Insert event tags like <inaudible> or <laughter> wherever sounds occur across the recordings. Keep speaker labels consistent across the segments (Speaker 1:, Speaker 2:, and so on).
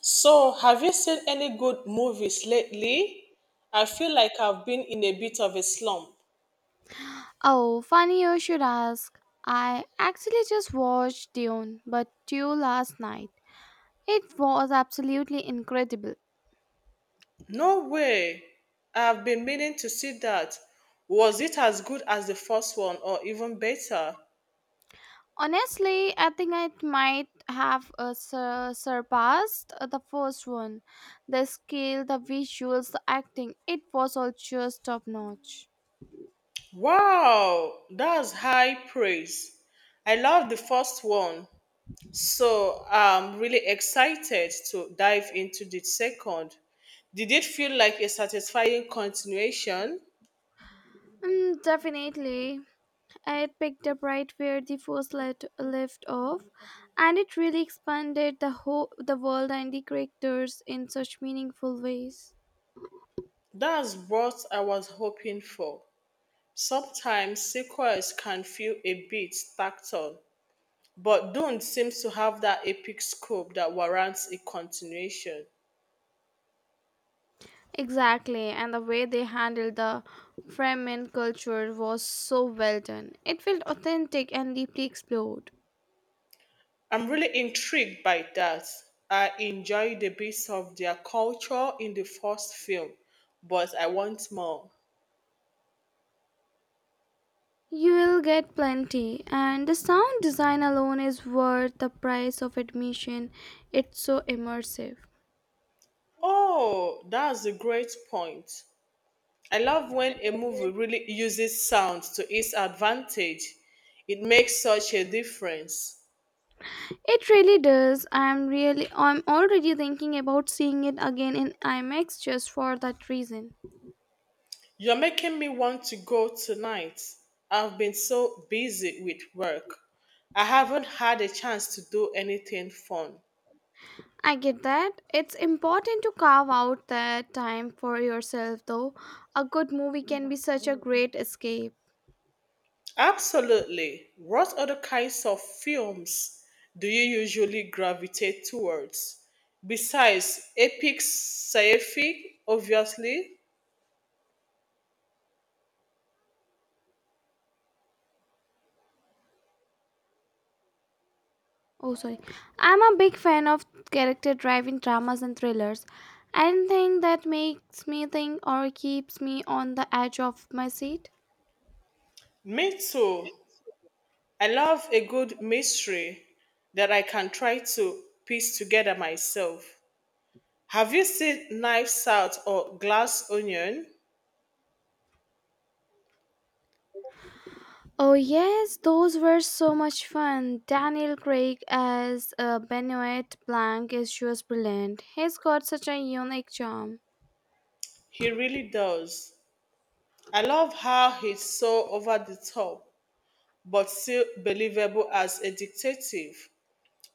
Speaker 1: So, have you seen any good movies lately? I feel like I've been in a bit of a slump.
Speaker 2: Oh, funny you should ask. I actually just watched Dune, but Dune last night. It was absolutely incredible.
Speaker 1: No way. I've been meaning to see that. Was it as good as the first one or even better?
Speaker 2: Honestly, I think it might have surpassed the first one. The scale, the visuals, the acting, it was all just top notch.
Speaker 1: Wow, that's high praise. I love the first one. So, I'm really excited to dive into the second. Did it feel like a satisfying continuation?
Speaker 2: Mm, definitely. It picked up right where the first left off, and it really expanded the whole the world and the characters in such meaningful ways.
Speaker 1: That's what I was hoping for. Sometimes sequels can feel a bit tacked-on, but Dune seems to have that epic scope that warrants a continuation.
Speaker 2: Exactly, and the way they handled the Fremen culture was so well done. It felt authentic and deeply explored.
Speaker 1: I'm really intrigued by that. I enjoyed the bits of their culture in the first film, but I want more.
Speaker 2: You'll get plenty, and the sound design alone is worth the price of admission. It's so immersive.
Speaker 1: Oh, that's a great point. I love when a movie really uses sound to its advantage. It makes such a difference.
Speaker 2: It really does. I'm already thinking about seeing it again in IMAX just for that reason.
Speaker 1: You're making me want to go tonight. I've been so busy with work. I haven't had a chance to do anything fun.
Speaker 2: I get that. It's important to carve out that time for yourself, though. A good movie can be such a great escape.
Speaker 1: Absolutely. What other kinds of films do you usually gravitate towards? Besides epic sci-fi, obviously.
Speaker 2: Oh, sorry. I'm a big fan of character driving dramas and thrillers. Anything that makes me think or keeps me on the edge of my seat.
Speaker 1: Me too. I love a good mystery that I can try to piece together myself. Have you seen Knives Out or Glass Onion?
Speaker 2: Oh, yes, those were so much fun. Daniel Craig as Benoit Blanc is just brilliant. He's got such a unique charm.
Speaker 1: He really does. I love how he's so over the top, but still believable as a detective.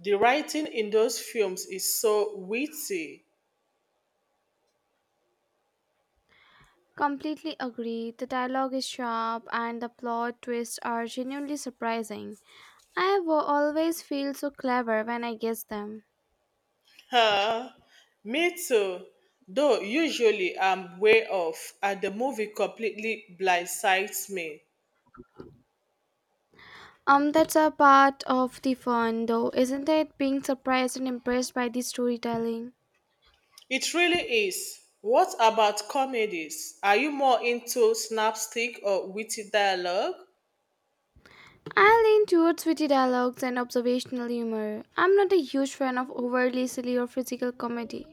Speaker 1: The writing in those films is so witty. <laughs>
Speaker 2: Completely agree. The dialogue is sharp and the plot twists are genuinely surprising. I will always feel so clever when I guess them.
Speaker 1: Huh? Me too. Though usually I'm way off, and the movie completely blindsides me.
Speaker 2: That's a part of the fun though, isn't it? Being surprised and impressed by the storytelling.
Speaker 1: It really is. What about comedies? Are you more into slapstick or witty dialogue?
Speaker 2: I lean towards witty dialogues and observational humor. I'm not a huge fan of overly silly or physical comedy.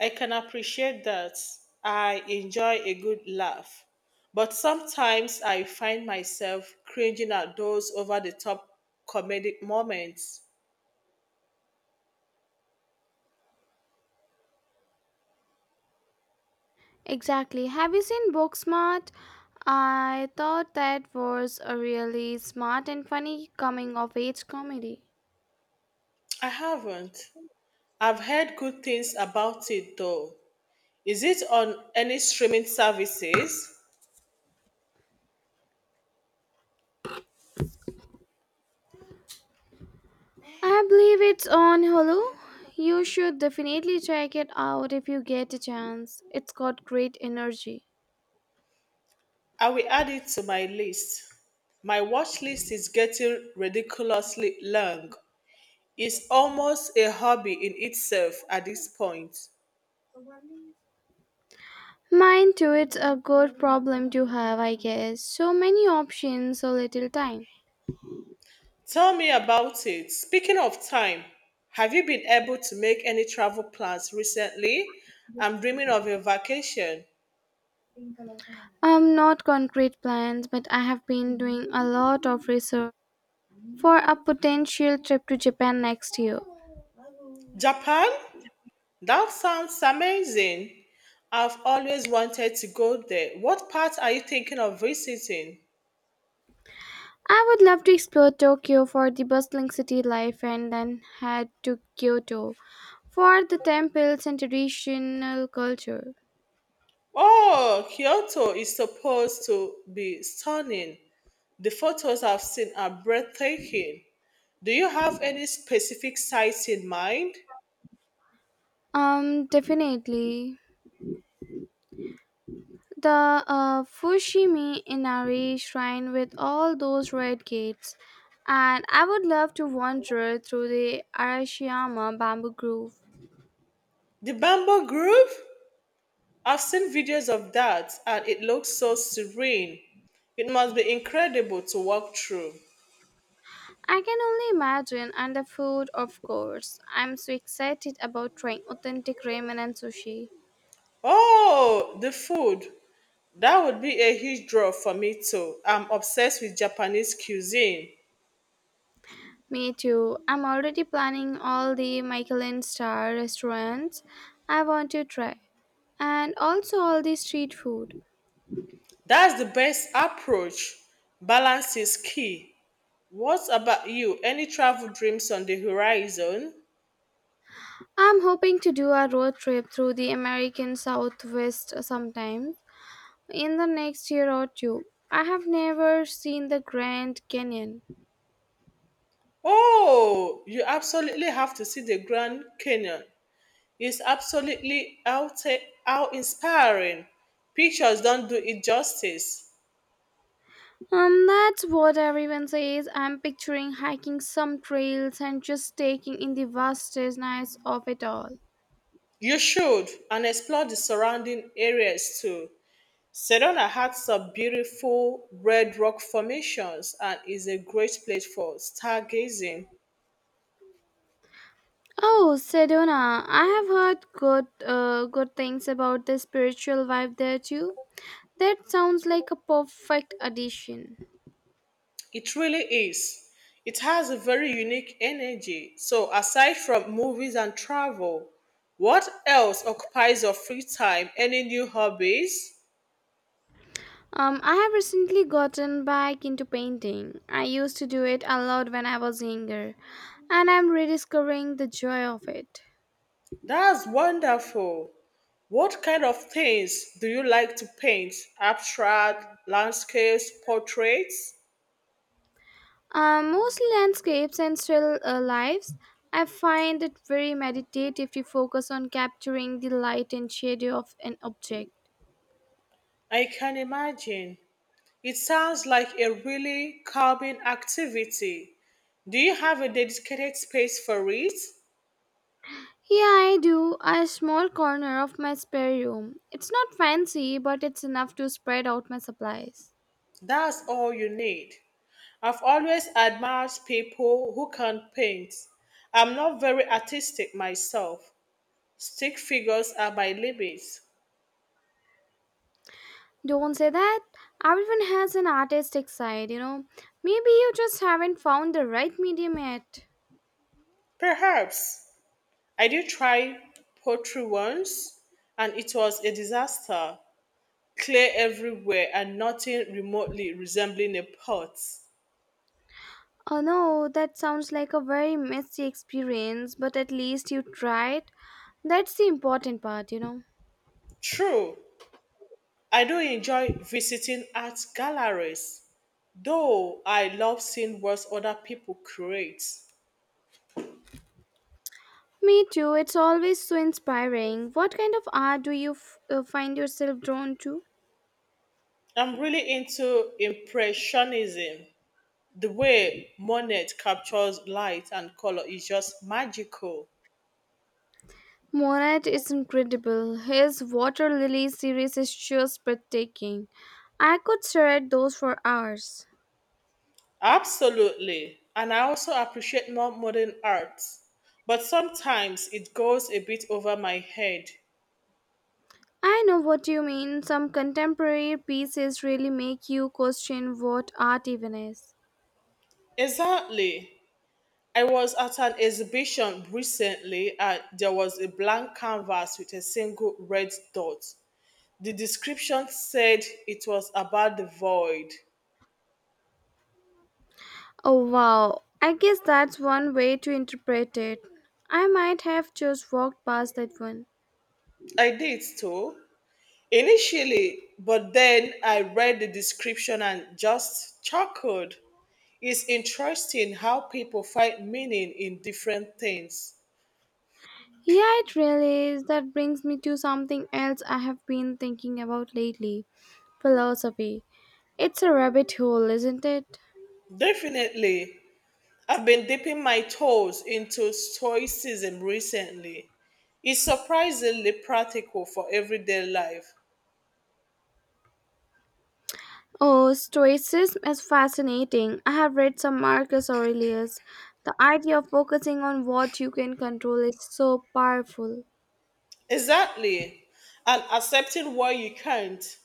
Speaker 1: I can appreciate that. I enjoy a good laugh, but sometimes I find myself cringing at those over the top comedic moments.
Speaker 2: Exactly. Have you seen Booksmart? I thought that was a really smart and funny coming of age comedy.
Speaker 1: I haven't. I've heard good things about it though. Is it on any streaming services?
Speaker 2: I believe it's on Hulu. You should definitely check it out if you get a chance. It's got great energy.
Speaker 1: I will add it to my list. My watch list is getting ridiculously long. It's almost a hobby in itself at this point.
Speaker 2: Mine too, it's a good problem to have, I guess. So many options, so little time.
Speaker 1: Tell me about it. Speaking of time, have you been able to make any travel plans recently? I'm dreaming of a vacation.
Speaker 2: Not concrete plans, but I have been doing a lot of research for a potential trip to Japan next year.
Speaker 1: Japan? That sounds amazing. I've always wanted to go there. What part are you thinking of visiting?
Speaker 2: I would love to explore Tokyo for the bustling city life and then head to Kyoto for the temples and traditional culture.
Speaker 1: Oh, Kyoto is supposed to be stunning. The photos I've seen are breathtaking. Do you have any specific sites in mind?
Speaker 2: Definitely. The Fushimi Inari shrine with all those red gates. And I would love to wander through the Arashiyama bamboo grove.
Speaker 1: The Bamboo Grove? I've seen videos of that and it looks so serene. It must be incredible to walk through.
Speaker 2: I can only imagine, and the food, of course. I'm so excited about trying authentic ramen and sushi.
Speaker 1: Oh, the food. That would be a huge draw for me too. I'm obsessed with Japanese cuisine.
Speaker 2: Me too. I'm already planning all the Michelin star restaurants I want to try, and also all the street food.
Speaker 1: That's the best approach. Balance is key. What about you? Any travel dreams on the horizon?
Speaker 2: I'm hoping to do a road trip through the American Southwest sometime in the next year or two. I have never seen the Grand Canyon.
Speaker 1: Oh, you absolutely have to see the Grand Canyon. Is absolutely outa how inspiring. Pictures don't do it justice.
Speaker 2: That's what everyone says. I'm picturing hiking some trails and just taking in the vastness of it all.
Speaker 1: You should and explore the surrounding areas too. Sedona has some beautiful red rock formations and is a great place for stargazing.
Speaker 2: Oh, Sedona. I have heard good things about the spiritual vibe there too. That sounds like a perfect addition.
Speaker 1: It really is. It has a very unique energy. So aside from movies and travel, what else occupies your free time? Any new hobbies?
Speaker 2: I have recently gotten back into painting. I used to do it a lot when I was younger, and I'm rediscovering the joy of it.
Speaker 1: That's wonderful. What kind of things do you like to paint? Abstract, landscapes, portraits?
Speaker 2: Mostly landscapes and still lives. I find it very meditative to focus on capturing the light and shadow of an object.
Speaker 1: I can imagine. It sounds like a really calming activity. Do you have a dedicated space for it?
Speaker 2: Yeah, I do. A small corner of my spare room. It's not fancy, but it's enough to spread out my supplies.
Speaker 1: That's all you need. I've always admired people who can paint. I'm not very artistic myself. Stick figures are my limits.
Speaker 2: Don't say that. Everyone has an artistic side, you know. Maybe you just haven't found the right medium yet.
Speaker 1: Perhaps I did try poultry once and it was a disaster. Clay everywhere and nothing remotely resembling a pot.
Speaker 2: Oh no, that sounds like a very messy experience, but at least you tried. That's the important part, you know.
Speaker 1: True, I do enjoy visiting art galleries, though I love seeing what other people create.
Speaker 2: Me too, it's always so inspiring. What kind of art do you find yourself drawn to?
Speaker 1: I'm really into Impressionism. The way Monet captures light and color is just magical.
Speaker 2: Monet is incredible. His water lily series is just breathtaking. I could stare at those for hours.
Speaker 1: Absolutely. And I also appreciate more modern art. But sometimes it goes a bit over my head.
Speaker 2: I know what you mean. Some contemporary pieces really make you question what art even is.
Speaker 1: Exactly. I was at an exhibition recently and there was a blank canvas with a single red dot. The description said it was about the void.
Speaker 2: Oh wow, I guess that's one way to interpret it. I might have just walked past that one.
Speaker 1: I did too. Initially, but then I read the description and just chuckled. It's interesting how people find meaning in different things.
Speaker 2: Yeah, it really is. That brings me to something else I have been thinking about lately, philosophy. It's a rabbit hole, isn't it?
Speaker 1: Definitely, I've been dipping my toes into Stoicism recently. It's surprisingly practical for everyday life.
Speaker 2: Oh, Stoicism is fascinating. I have read some Marcus Aurelius. The idea of focusing on what you can control is so powerful.
Speaker 1: Exactly. And accepting what you can't.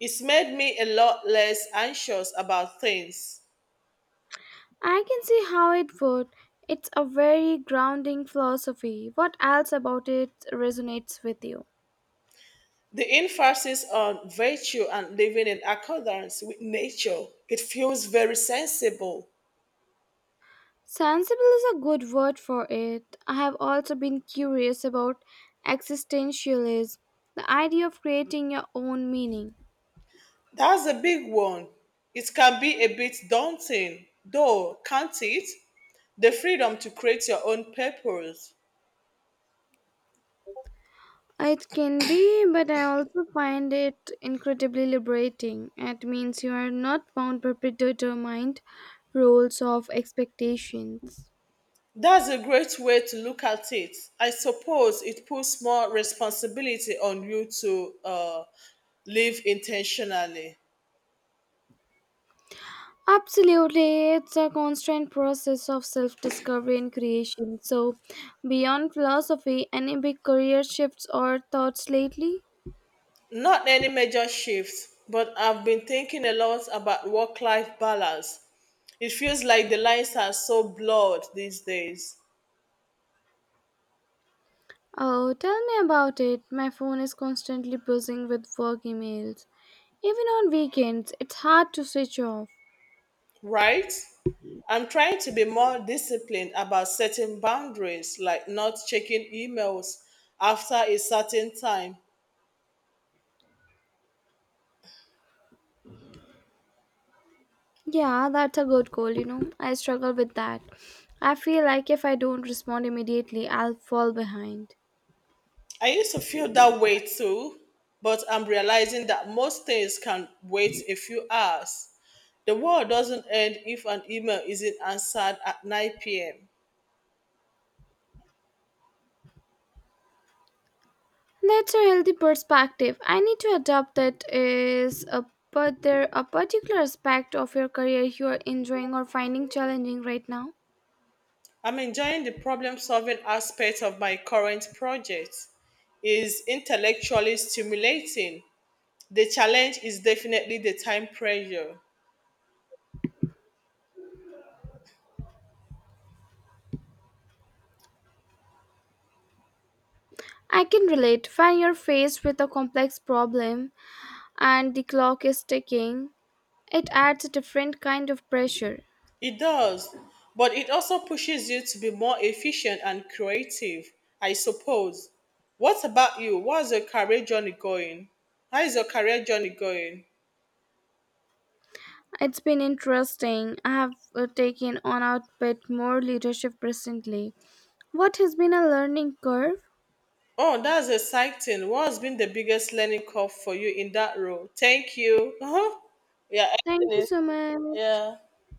Speaker 1: It's made me a lot less anxious about things.
Speaker 2: I can see how it would. It's a very grounding philosophy. What else about it resonates with you?
Speaker 1: The emphasis on virtue and living in accordance with nature, it feels very sensible.
Speaker 2: Sensible is a good word for it. I have also been curious about existentialism, the idea of creating your own meaning.
Speaker 1: That's a big one. It can be a bit daunting, though, can't it? The freedom to create your own purpose.
Speaker 2: It can be, but I also find it incredibly liberating. It means you are not bound by predetermined roles of expectations.
Speaker 1: That's a great way to look at it. I suppose it puts more responsibility on you to live intentionally.
Speaker 2: Absolutely, it's a constant process of self discovery and creation. So, beyond philosophy, any big career shifts or thoughts lately?
Speaker 1: Not any major shift, but I've been thinking a lot about work life balance. It feels like the lines are so blurred these days,
Speaker 2: Oh, tell me about it. My phone is constantly buzzing with work emails. Even on weekends, it's hard to switch off.
Speaker 1: right? I'm trying to be more disciplined about setting boundaries, like not checking emails after a certain time.
Speaker 2: Yeah, that's a good goal, you know. I struggle with that. I feel like if I don't respond immediately, I'll fall behind.
Speaker 1: I used to feel that way too, but I'm realizing that most things can wait a few hours. The world doesn't end if an email isn't answered at 9 p.m.
Speaker 2: That's a healthy perspective. I need to adopt that is a but there a particular aspect of your career you are enjoying or finding challenging right now?
Speaker 1: I'm enjoying the problem solving aspect of my current project. It's intellectually stimulating. The challenge is definitely the time pressure.
Speaker 2: I can relate. When you're faced with a complex problem and the clock is ticking, it adds a different kind of pressure.
Speaker 1: It does, but it also pushes you to be more efficient and creative, I suppose. What about you? What's your career journey going? How is your career journey going?
Speaker 2: It's been interesting. I have taken on a bit more leadership recently. What has been a learning curve?
Speaker 1: Oh, that's exciting. What has been the biggest learning curve for you in that role? Thank you. <laughs> Uh-huh. Yeah,
Speaker 2: Thank you
Speaker 1: excellent.
Speaker 2: so much.
Speaker 1: Yeah.